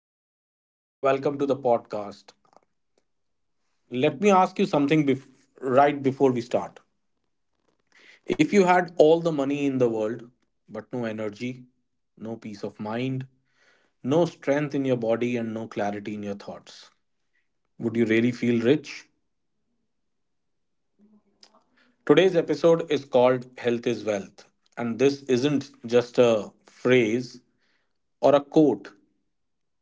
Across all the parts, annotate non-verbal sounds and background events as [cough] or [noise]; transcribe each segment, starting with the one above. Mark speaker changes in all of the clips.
Speaker 1: evening. Welcome to the podcast. Let me ask you something right before we start. If you had all the money in the world, but no energy, no peace of mind, no strength in your body, and no clarity in your thoughts, would you really feel rich? Today's episode is called Health is Wealth. And this isn't just a phrase or a quote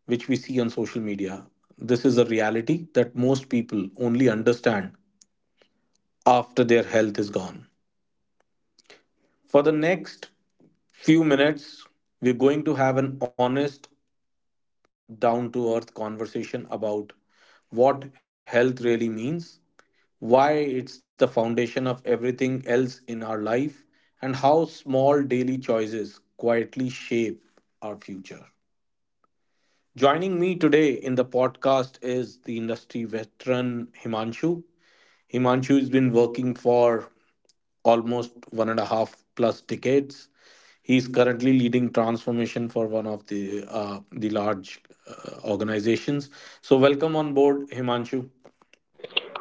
Speaker 1: which we see on social media. This is a reality that most people only understand after their health is gone. For the next few minutes, we're going to have an honest, down to earth conversation about what health really means, why it's the foundation of everything else in our life, and how small daily choices quietly shape our future. Joining me today in the podcast is the industry veteran Himanshu. Himanshu has been working for almost one and a half plus decades. He is currently leading transformation for one of the large organizations. So welcome on board, Himanshu.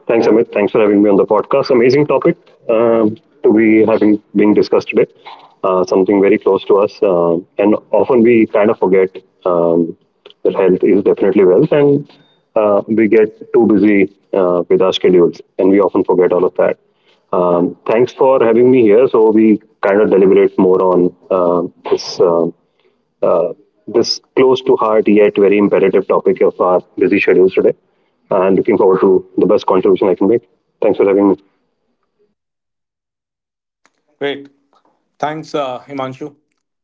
Speaker 2: Thanks, Amit. Thanks for having me on the podcast. Amazing topic uh, to be having being discussed today. Something very close to us, and often we kind of forget um, that health is definitely wealth, and we get too busy with our schedules, and we often forget all of that. Thanks for having me here. So we kind of deliberate more on this. Uh, this close to heart yet very imperative topic of our busy schedules today. And looking forward to the best contribution I can make. Thanks for having me.
Speaker 1: Great, thanks, Himanshu.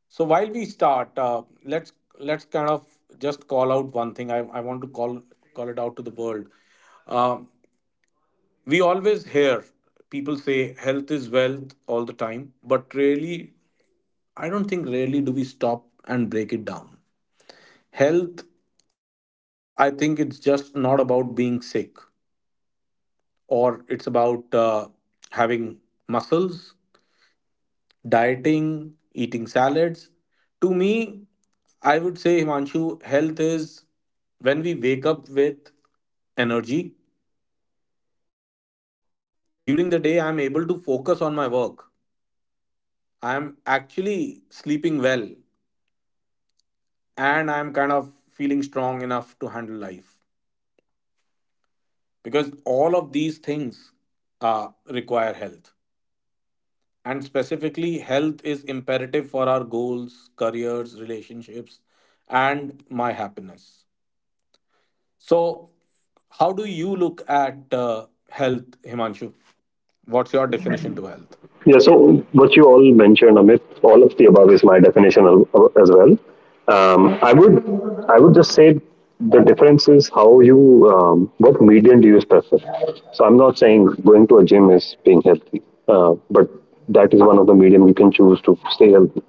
Speaker 1: So while we start, let's kind of just call out one thing. I want to call it out to the world. Uh, we always hear people say health is wealth all the time, but really, I don't think really do we stop and break it down. Health, I think it's just not about being sick or it's about having muscles, dieting, eating salads. To me, I would say, Himanshu, health is when we wake up with energy, during the day I'm able to focus on my work, I'm actually sleeping well, and I'm kind of feeling strong enough to handle life, because all of these things uh, require health. And specifically, health is imperative for our goals, careers, relationships, and my happiness. So, how do you look at health, Himanshu? What's your definition to health?
Speaker 2: Yeah, so what you all mentioned, Amit, all of the above is my definition as well. Um, I would, I would just say the difference is how you, what medium do you prefer. So I'm not saying going to a gym is being healthy, but that is one of the medium you can choose to stay healthy.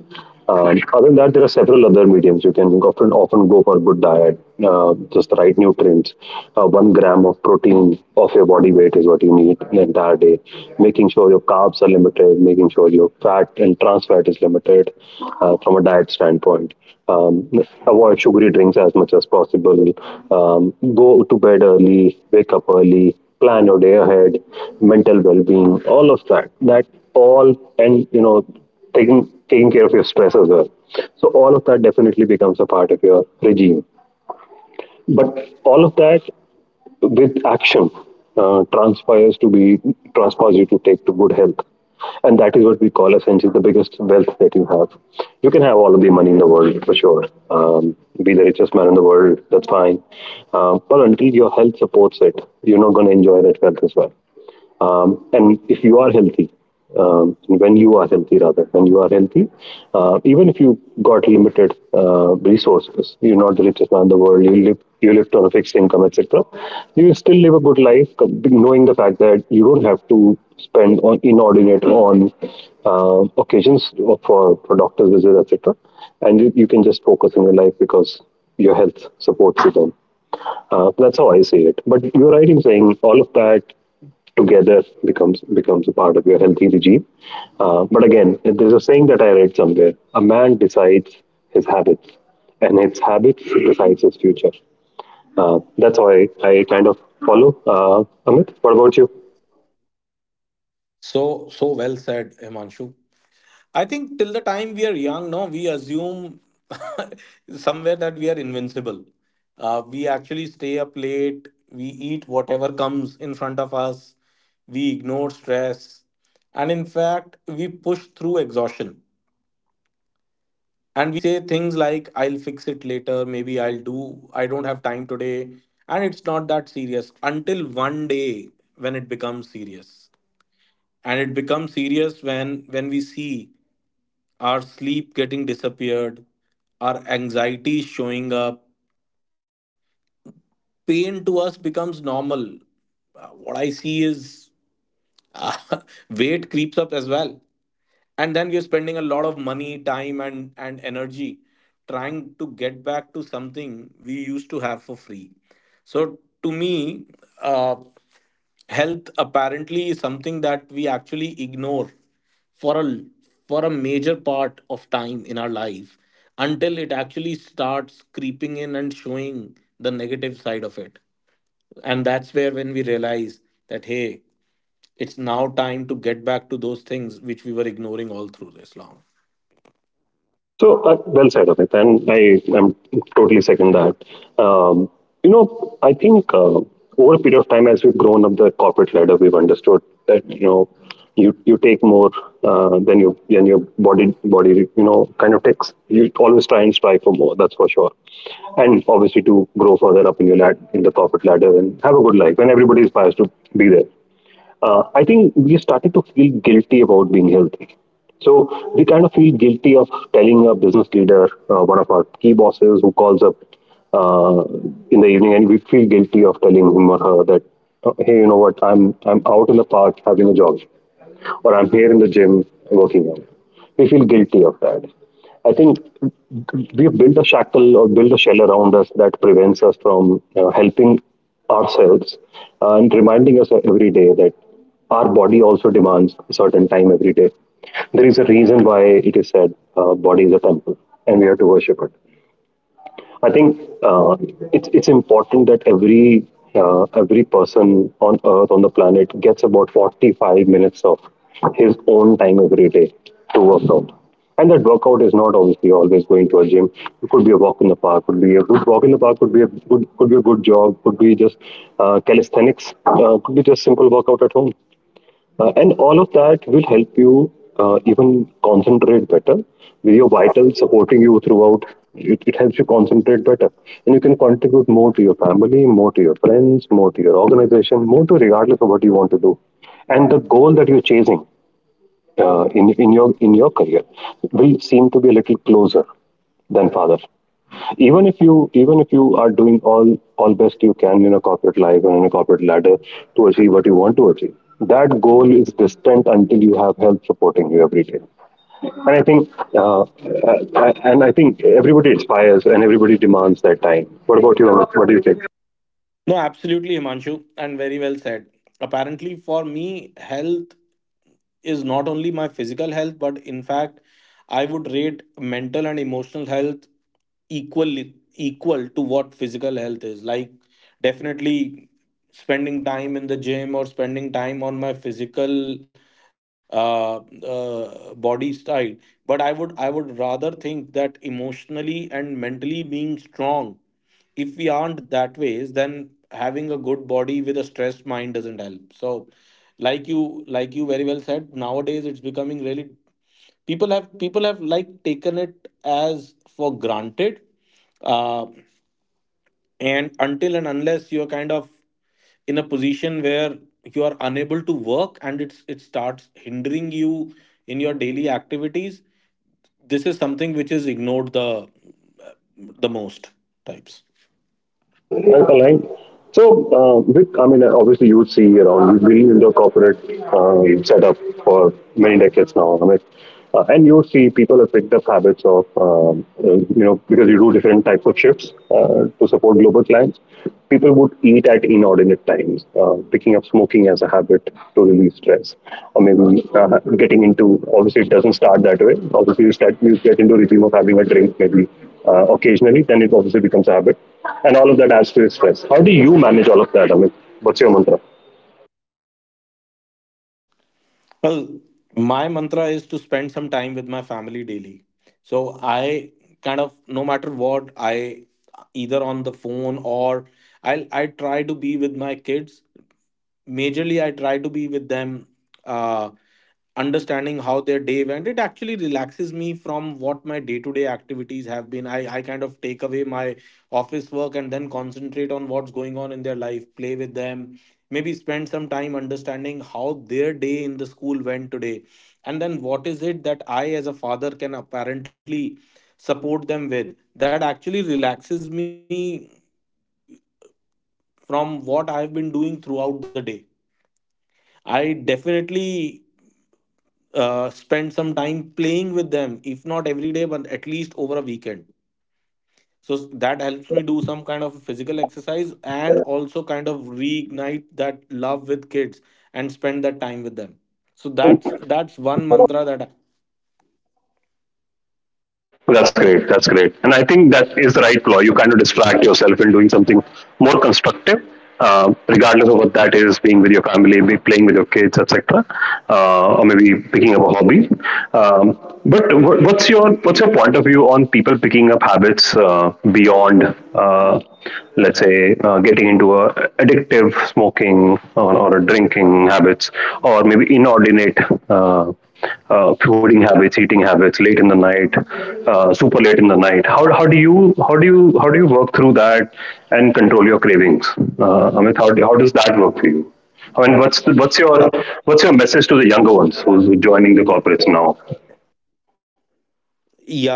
Speaker 2: Other than that, there are several other mediums you can often go for good diet, just the right nutrients. 1 gram of protein of your body weight is what you need the entire day. Making sure your carbs are limited, making sure your fat and trans fat is limited from a diet standpoint. Um, avoid sugary drinks as much as possible. Go to bed early, wake up early, plan your day ahead, mental well-being, all of that. That all, and you know, taking care of your stress as well. So all of that definitely becomes a part of your regime. But all of that with action uh, transpires to be transpires you to take to good health. And that is what we call essentially the biggest wealth that you have. You can have all of the money in the world for sure. Be the richest man in the world, that's fine. But until your health supports it, you're not going to enjoy that wealth as well, and if you are healthy, when you are healthy, even if you got limited resources, you're not the richest man in the world, you live you lived on a fixed income, etc., you will still live a good life, knowing the fact that you don't have to spend on inordinate on occasions for doctor's visits, etc., and you can just focus on your life because your health supports you then. That's how I see it. But you're right in saying all of that together becomes a part of your healthy regime. But again, there's a saying that I read somewhere: a man decides his habits, and his habits decides his future. That's how I kind of follow. Amit, what about you?
Speaker 1: So, so well said, Himanshu. I think till the time we are young, no, we assume [laughs] somewhere that we are invincible. We actually stay up late. We eat whatever comes in front of us. We ignore stress. And in fact, we push through exhaustion. And we say things like, I'll fix it later. Maybe I'll do, I don't have time today. And it's not that serious until one day when it becomes serious, and it becomes serious when we see our sleep getting disappeared, our anxiety showing up, pain to us becomes normal. What I see is [laughs] weight creeps up as well, and then we are spending a lot of money, time and energy trying to get back to something we used to have for free. So, to me, uh, health apparently is something that we actually ignore for a major part of time in our life, until it actually starts creeping in and showing the negative side of it. And that's where when we realize that hey, it's now time to get back to those things which we were ignoring all through this long.
Speaker 2: So well said, Amit, and I am totally second that. Um, you know, I think over a period of time, as we've grown up the corporate ladder, we've understood that you know you take more than your body you know kind of takes. You always try and strive for more. That's for sure. And obviously, to grow further up in your lad in the corporate ladder and have a good life. And everybody is biased to be there. I think we started to feel guilty about being healthy. So we kind of feel guilty of telling a business leader, one of our key bosses who calls up uh, in the evening, and we feel guilty of telling him or her that, "Oh, hey, you know what, I'm out in the park having a jog, or I'm here in the gym working out." We feel guilty of that. I think we've built a shackle or built a shell around us that prevents us from helping ourselves, and reminding us every day that our body also demands a certain time every day. There is a reason why it is said body is a temple and we have to worship it. I think it's important that every person on Earth on the planet gets about 45 minutes of his own time every day to work out. And that workout is not obviously always going to a gym. It could be a walk in the park, could be a good walk in the park, could be a good jog, could be just calisthenics, could be just simple workout at home. And all of that will help you even concentrate better with your vitals supporting you throughout. It helps you concentrate better, and you can contribute more to your family, more to your friends, more to your organization, more to regardless of what you want to do, and the goal that you're chasing in your career will seem to be a little closer than father. Even if you are doing all best you can in a corporate life and in a corporate ladder to achieve what you want to achieve, that goal is distant until you have help supporting you every day. And I think everybody aspires and everybody demands that time. What about you, Amit? What do you think?
Speaker 1: No, absolutely, Himanshu, and very well said. Apparently, for me, health is not only my physical health, but in fact, I would rate mental and emotional health equal to what physical health is. Like, definitely spending time in the gym or spending time on my physical body side. But I would, rather think that emotionally and mentally being strong, if we aren't that ways, then having a good body with a stressed mind doesn't help. So, like you, very well said, nowadays it's becoming really, people have like taken it as for granted. Uh, and until and unless you're kind of in a position where you are unable to work and it's, it starts hindering you in your daily activities, this is something which is ignored the most types.
Speaker 2: Yeah, that's aligned. So, Vic, I mean, obviously, you see around, you've been in the corporate setup for many decades now, I mean, and you see people have picked up habits of, you know, because you do different types of shifts to support global clients. People would eat at inordinate times, picking up smoking as a habit to relieve stress, or maybe getting into. Obviously, it doesn't start that way. Obviously, you get into a regime of having a drink maybe occasionally. Then it obviously becomes a habit, and all of that adds to your stress. How do you manage all of that, Amit? What's your mantra?
Speaker 1: Well, my mantra is to spend some time with my family daily. So I kind of, no matter what, I either on the phone or I try to be with my kids. Majorly, I try to be with them. Uh, understanding how their day went, it actually relaxes me from what my day-to-day activities have been. I kind of take away my office work and then concentrate on what's going on in their life, play with them, maybe spend some time understanding how their day in the school went today, and then what is it that I as a father can apparently support them with. That actually relaxes me from what I've been doing throughout the day. I definitely spend some time playing with them, if not every day but at least over a weekend. So that helps me do some kind of physical exercise and also kind of reignite that love with kids and spend that time with them. So that's one mantra that I.
Speaker 2: That's great. That's great. And I think that is the right flaw. You kind of distract yourself in doing something more constructive, regardless of what that is, being with your family, be playing with your kids, etc., or maybe picking up a hobby. But what's your point of view on people picking up habits beyond, uh, let's say, getting into a addictive smoking, or a drinking habits, or maybe inordinate uh, fooding habits, eating habits, late in the night, super late in the night. How do you work through that and control your cravings? Amit, how does that work for you? I mean,
Speaker 1: Uh,
Speaker 2: what's your message to the younger ones who's joining the corporates now?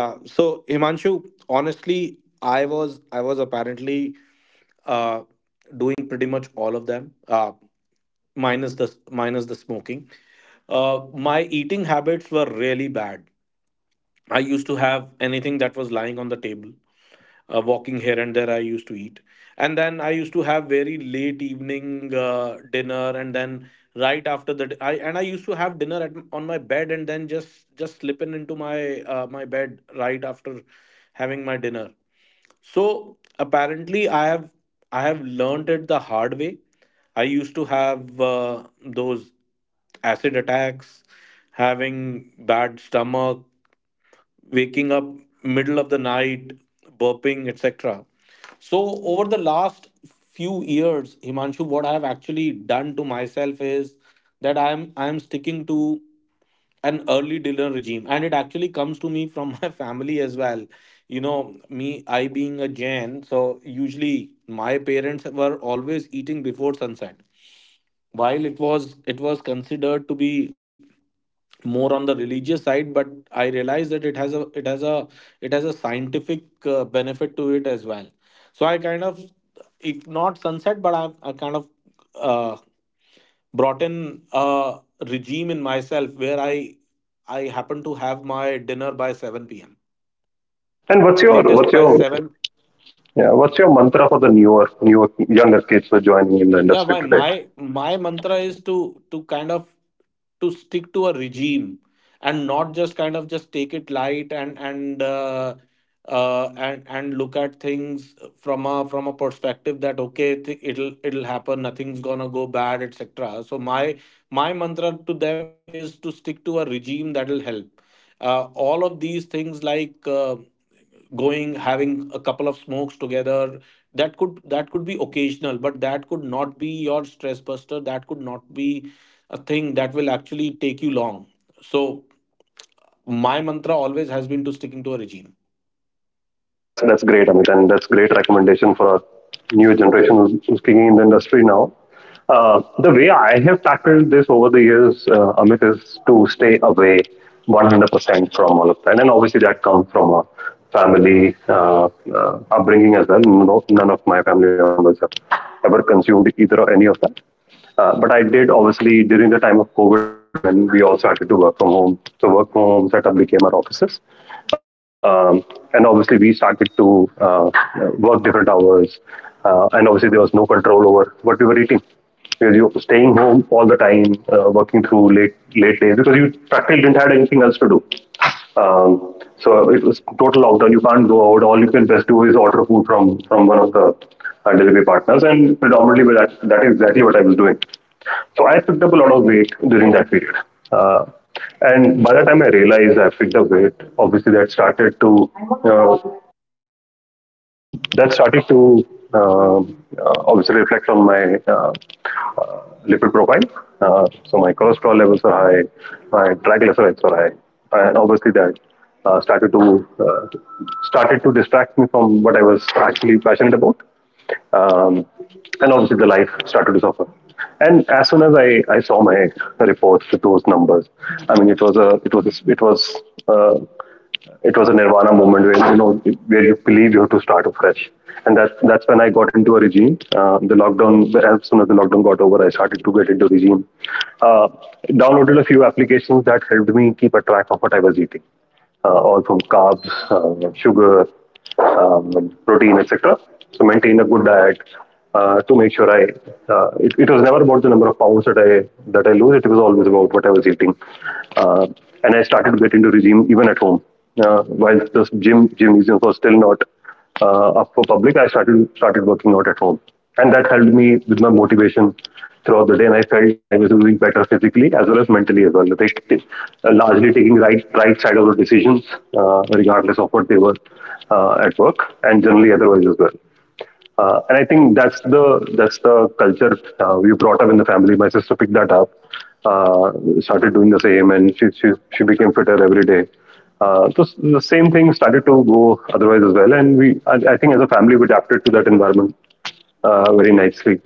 Speaker 1: yeah, so Himanshu, honestly, I was, apparently, uh, doing pretty much all of them, uh, minus the minus the smoking. Uh, my eating habits were really bad. I used to have anything that was lying on the table. Walking here and there, I used to eat. And then I used to have very late evening dinner, and then right after the I and I used to have dinner at on my bed, and then just slip in into my my bed right after having my dinner. So apparently, I have, learned it the hard way. I used to have those acid attacks, having bad stomach, waking up middle of the night, burping, etc. So over the last few years, Himanshu, what I have actually done to myself is that I am, sticking to an early dinner regime, and it actually comes to me from [laughs] my family as well. You know me, I being a Jain, so usually my parents were always eating before sunset. While it was, considered to be more on the religious side, but I realized that it has a, it has a scientific benefit to it as well. So I kind of, if not sunset, but I kind of uh, brought in a regime in myself where I happen to have my dinner by 7 p.m.,
Speaker 2: And
Speaker 1: latest
Speaker 2: what's
Speaker 1: by
Speaker 2: your,
Speaker 1: seven.
Speaker 2: yeah, what's your mantra for the newer newer younger kids who are joining in the
Speaker 1: Yeah,
Speaker 2: industry
Speaker 1: my
Speaker 2: today?
Speaker 1: my mantra is to, kind of to stick to a regime, and not just kind of just take it light and and look at things from a perspective that okay, it'll, happen, nothing's gonna go bad, etc. So my mantra to them is to stick to a regime that'll help all of these things like, going, having a couple of smokes together, that could, be occasional, but that could not be your stress buster, that could not be a thing that will actually take you long. So my mantra always has been to sticking to a regime.
Speaker 2: That's great, Amit, and that's great recommendation for our new generation who's kicking in the industry now. The way I have tackled this over the years, Amit, is to stay away 100% from all of that, and obviously that comes from a family upbringing as well. No, none of my family members have ever consumed either or any of that. But I did obviously during the time of COVID lockdown, and we all started to work from home. So work from home setup became our offices, um, and obviously we started to work different hours. And obviously there was no control over what we were eating because you were staying home all the time, working through late days because you practically didn't have anything else to do. So it was total lockdown. You can't go out. All you can best do is order food from one of the delivery partners, and predominantly that is exactly what I was doing. So I picked up a lot of weight during that period. Uh, and by the time I realized I picked up weight, obviously that started to uh, that started to obviously reflect on my uh, lipid profile. So my cholesterol levels were high, my triglycerides were high, and obviously that started to started to distract me from what I was actually passionate about, um, and obviously the life started to suffer. And as soon as I saw my reports with those numbers, I mean it was a, uh, it was a nirvana moment where you know where you believe you have to start afresh, and that's when I got into a regime. The lockdown as soon as the lockdown got over, I started to get into regime. Uh, Downloaded a few applications that helped me keep a track of what I was eating, all from carbs, sugar, protein, etc. So maintain a good diet to make sure I. It was never about the number of pounds that I lose. It was always about what I was eating, uh, and I started to get into regime even at home. While the gymnasium was still not up for public, I started working out at home, and that helped me with my motivation throughout the day. And I felt I was doing better physically as well as mentally as well. Largely taking right side of the decisions, regardless of what they were, at work and generally otherwise as well. And I think that's the culture we brought up in the family. My sister picked that up, uh, started doing the same, and she became fitter every day. The same thing started to go otherwise as well, and I think as a family we adapted to that environment very nicely.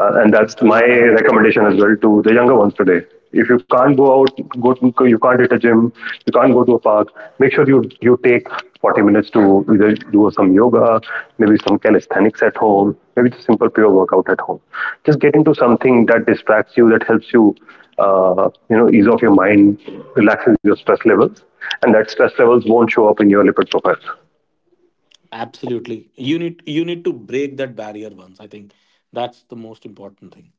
Speaker 2: And that's my
Speaker 1: Great. Yeah.
Speaker 2: recommendation as well to the younger ones today. If you can't go out, you can't hit a gym, you can't go to a park. Make sure you take 40 minutes to either do some yoga, maybe some calisthenics at home, maybe just simple pure workout at home. Just get into something that distracts you, that helps you, ease off your mind, relaxes your stress levels, and that stress levels won't show up in your lipid profile.
Speaker 1: Absolutely, you need, to break that barrier once, I think that's the most important thing.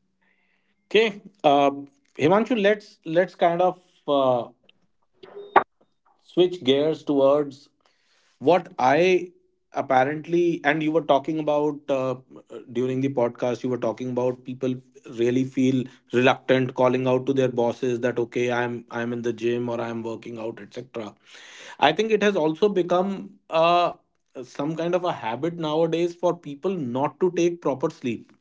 Speaker 2: And obviously, with the
Speaker 1: Okay,
Speaker 2: stressful lives
Speaker 1: uh,
Speaker 2: we live at,
Speaker 1: Himanshu, let's let's kind of uh, switch gears towards what I apparently, and you were talking about, during the podcast, you were talking about people really feel reluctant calling out to their bosses that okay, I'm, in the gym or I'm working out, etc. I think it has also become some kind of a habit nowadays for people not to take proper sleep.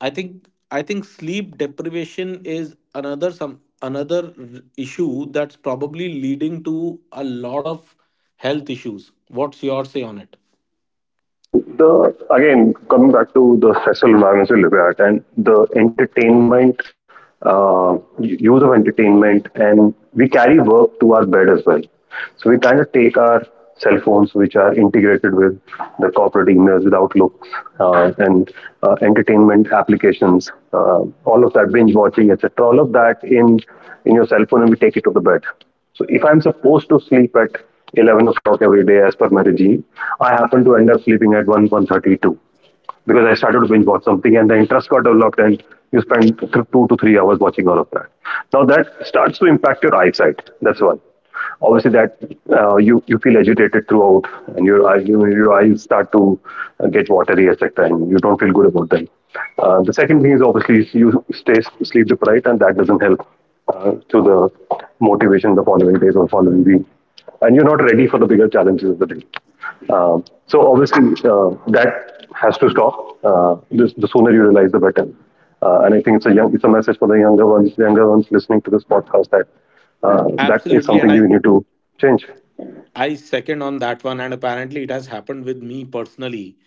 Speaker 1: I think sleep deprivation is another, some another issue that's probably leading to a lot of health issues. What's your say on it?
Speaker 2: I think the again, coming back to the festival environmental at and the entertainment, use of entertainment, and we carry work to our bed as well. So we kind of take our cell phones, which are integrated with the corporate emails, with Outlooks, and entertainment applications, all of that binge watching, etc. All of that in your cell phone, and we take it to the bed. So if I'm supposed to sleep at 11 o'clock every day as per my regime, I happen to end up sleeping at 1, 1:32 because I started to binge watch something and the interest got developed and you spend 2 to 3 hours watching all of that. Now that starts to impact your eyesight. That's one. Obviously, that you feel agitated throughout, and your eyes start to get watery, etc., and you don't feel good about them. The second thing is obviously you stay sleep deprived, and that doesn't help to the motivation the following days or following week, and you're not ready for the bigger challenges of the day. So obviously that has to stop. The sooner you realize, the better. And I think it's a young, it's a message for the younger ones listening to this podcast that that is
Speaker 1: Absolutely, and
Speaker 2: something you
Speaker 1: I
Speaker 2: need to change.
Speaker 1: I second on that one. And apparently, it has happened with me personally.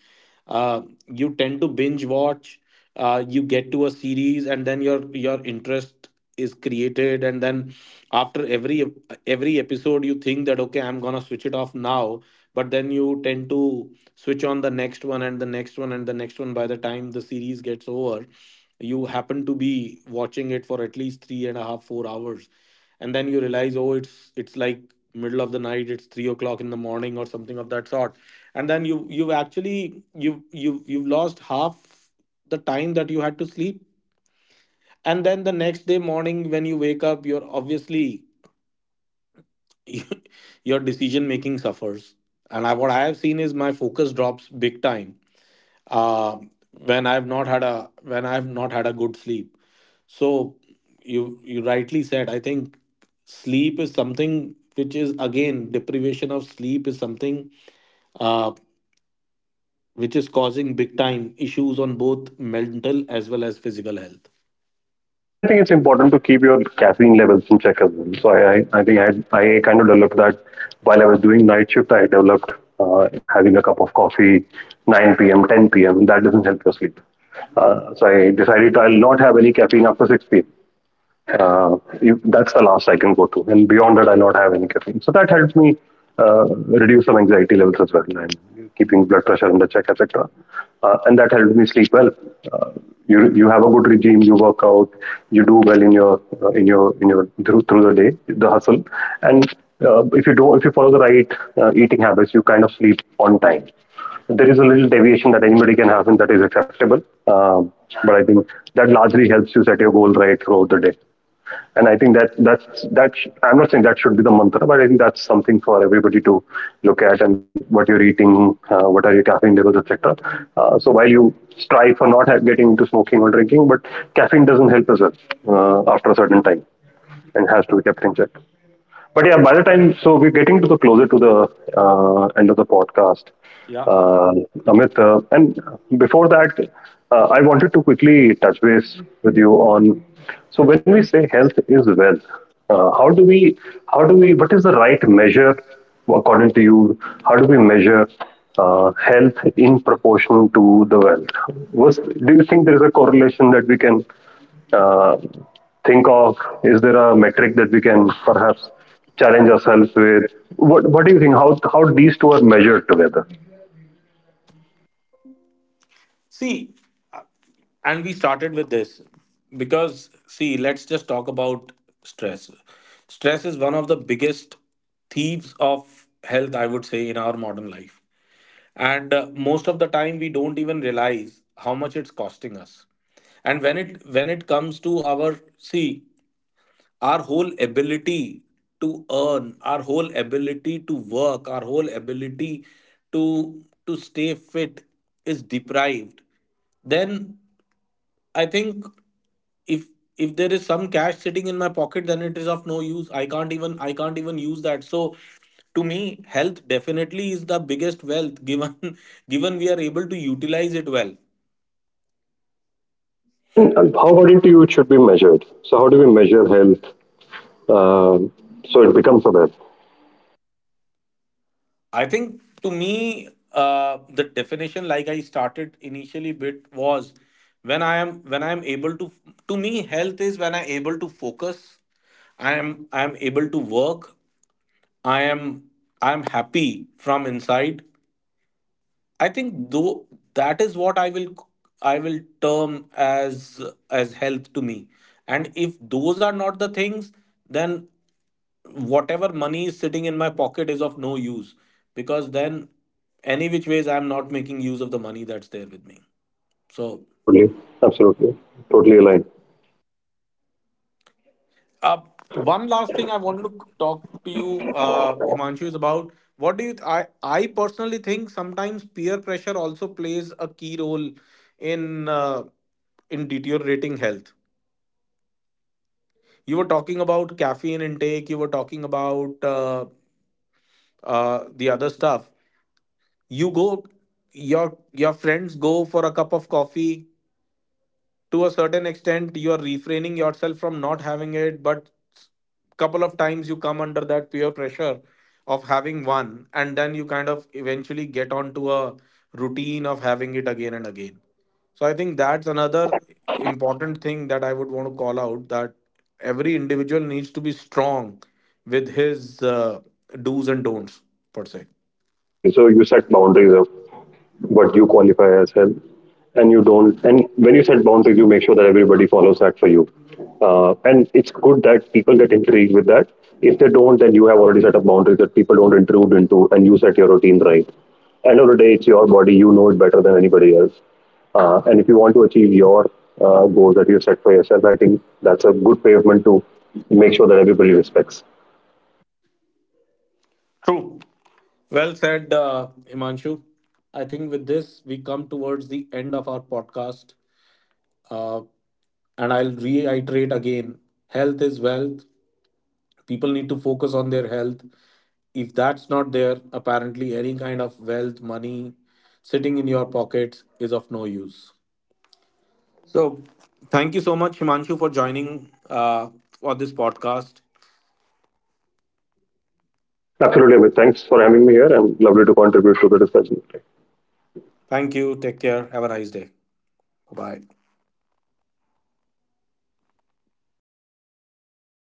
Speaker 1: Uh, you tend to binge watch, you get to a series, and then your interest is created, and then after every episode you think that okay, I'm gonna switch it off now, but then you tend to switch on the next one and the next one and the next one. By the time the series gets over, you happen to be watching it for at least three and a half 4 hours. And then you realize, oh, it's like middle of the night, it's 3 o'clock in the morning or something of that sort. And then you, you've actually, you've lost half the time that you had to sleep. And then the next day morning when you wake up, you're obviously [laughs] your decision making suffers. And what I have seen is my focus drops big time, uh, when I've not had a, good sleep. So you, rightly said. I think sleep is something which is, again, deprivation of sleep is something uh, which is causing big time issues on both mental as well as physical health.
Speaker 2: And I think it's important to keep your caffeine levels in check as well. So I think I, had, I kind of developed that while I was doing night shift. I developed having a cup of coffee 9 p.m., 10 p.m., and that doesn't help your sleep. So I decided I'll not have any caffeine after 6 p.m. Uh, if, That's the last I can go to, and beyond that, I not have any caffeine. So that helps me uh, reduce some anxiety levels as well, and keeping blood pressure under check, etc. And that helps me sleep well. Uh, you you have a good regime, you work out, you do well in your through the day, the hustle, and if you do if you follow the right eating habits, you kind of sleep on time. There is a little deviation that anybody can have, and that is acceptable. Um, but I think that largely helps you set your goal right throughout the day. And I think that that's that. Sh- I'm not saying that should be the mantra, but I think that's something for everybody to look at, and what you're eating, what are your caffeine levels, etc. So while you strive for not ha- getting into smoking or drinking, but caffeine doesn't help as well after a certain time, and has to be kept in check. But yeah, by the time, so we're getting to the closer to the end of the podcast,
Speaker 1: Yeah.
Speaker 2: uh, Amit. And before that, I wanted to quickly touch base with you on. So when we say health is wealth, how do we? How do we? What is the right measure according to you? How do we measure? Health in proportion to the wealth. Was, do you think there is a correlation that we can um, think of? Is there a metric that we can perhaps challenge ourselves with? What do you think? How these two are measured together?
Speaker 1: See, and we started with this because, see, let's just talk about stress. Stress is one of the biggest thieves of health, I would say, in our modern life, and most of the time we don't even realize how much it's costing us. And when it, comes to our, see, our whole ability to earn, our whole ability to work, our whole ability to, stay fit is deprived, then I think, if, there is some cash sitting in my pocket, then it is of no use. I can't even use that. So to me, health definitely is the biggest wealth, given [laughs] given we are able to utilize it well.
Speaker 2: And how according to you it should be measured? So how do we measure health? Um so it becomes aware.
Speaker 1: I think to me, the definition, like I started initially, bit was when I am, able to. To me, health is when I able to focus. I am able to work. I am I am happy from inside. I think though that is what I will, term as health to me. And if those are not the things, then whatever money is sitting in my pocket is of no use, because then any which ways I'm not making use of the money that's there with me.
Speaker 2: Yeah,
Speaker 1: So,
Speaker 2: absolutely, absolutely, totally aligned.
Speaker 1: uh, one last thing I wanted to talk to you, Himanshu, is about what do you? I personally think sometimes peer pressure also plays a key role in, in deteriorating health. You were talking about caffeine intake. You were talking about the other stuff. You go, your, friends go for a cup of coffee. To a certain extent, you are refraining yourself from not having it, but couple of times you come under that peer pressure of having one, and then you kind of eventually get onto a routine of having it again and again. So I think that's another important thing that I would want to call out, that every individual needs to be strong with his do's and don'ts per se.
Speaker 2: Yeah, absolutely. So you set boundaries of what you qualify as help and you don't, and when you set boundaries you make sure that everybody follows that for you, and it's good that people get intrigued with that. If they don't, then you have already set up boundaries that people don't intrude into, and you set your routine right. End of the day, it's your body, you know it better than anybody else, and if you want to achieve your goals that you've set for yourself, I think that's a good pavement to make sure that everybody respects.
Speaker 1: True. Well said, Imanshu, I think with this we come towards the end of our podcast. Uh, and I'll reiterate again, health is wealth. People need to focus on their health. If that's not there, apparently any kind of wealth, money sitting in your pockets, is of no use. So, thank you so much, Himanshu, for joining uh, for this podcast.
Speaker 2: Absolutely, Amit. Thanks for having me here and lovely to contribute to the discussion.
Speaker 1: Thank you. Take care. Have a nice day. Bye bye.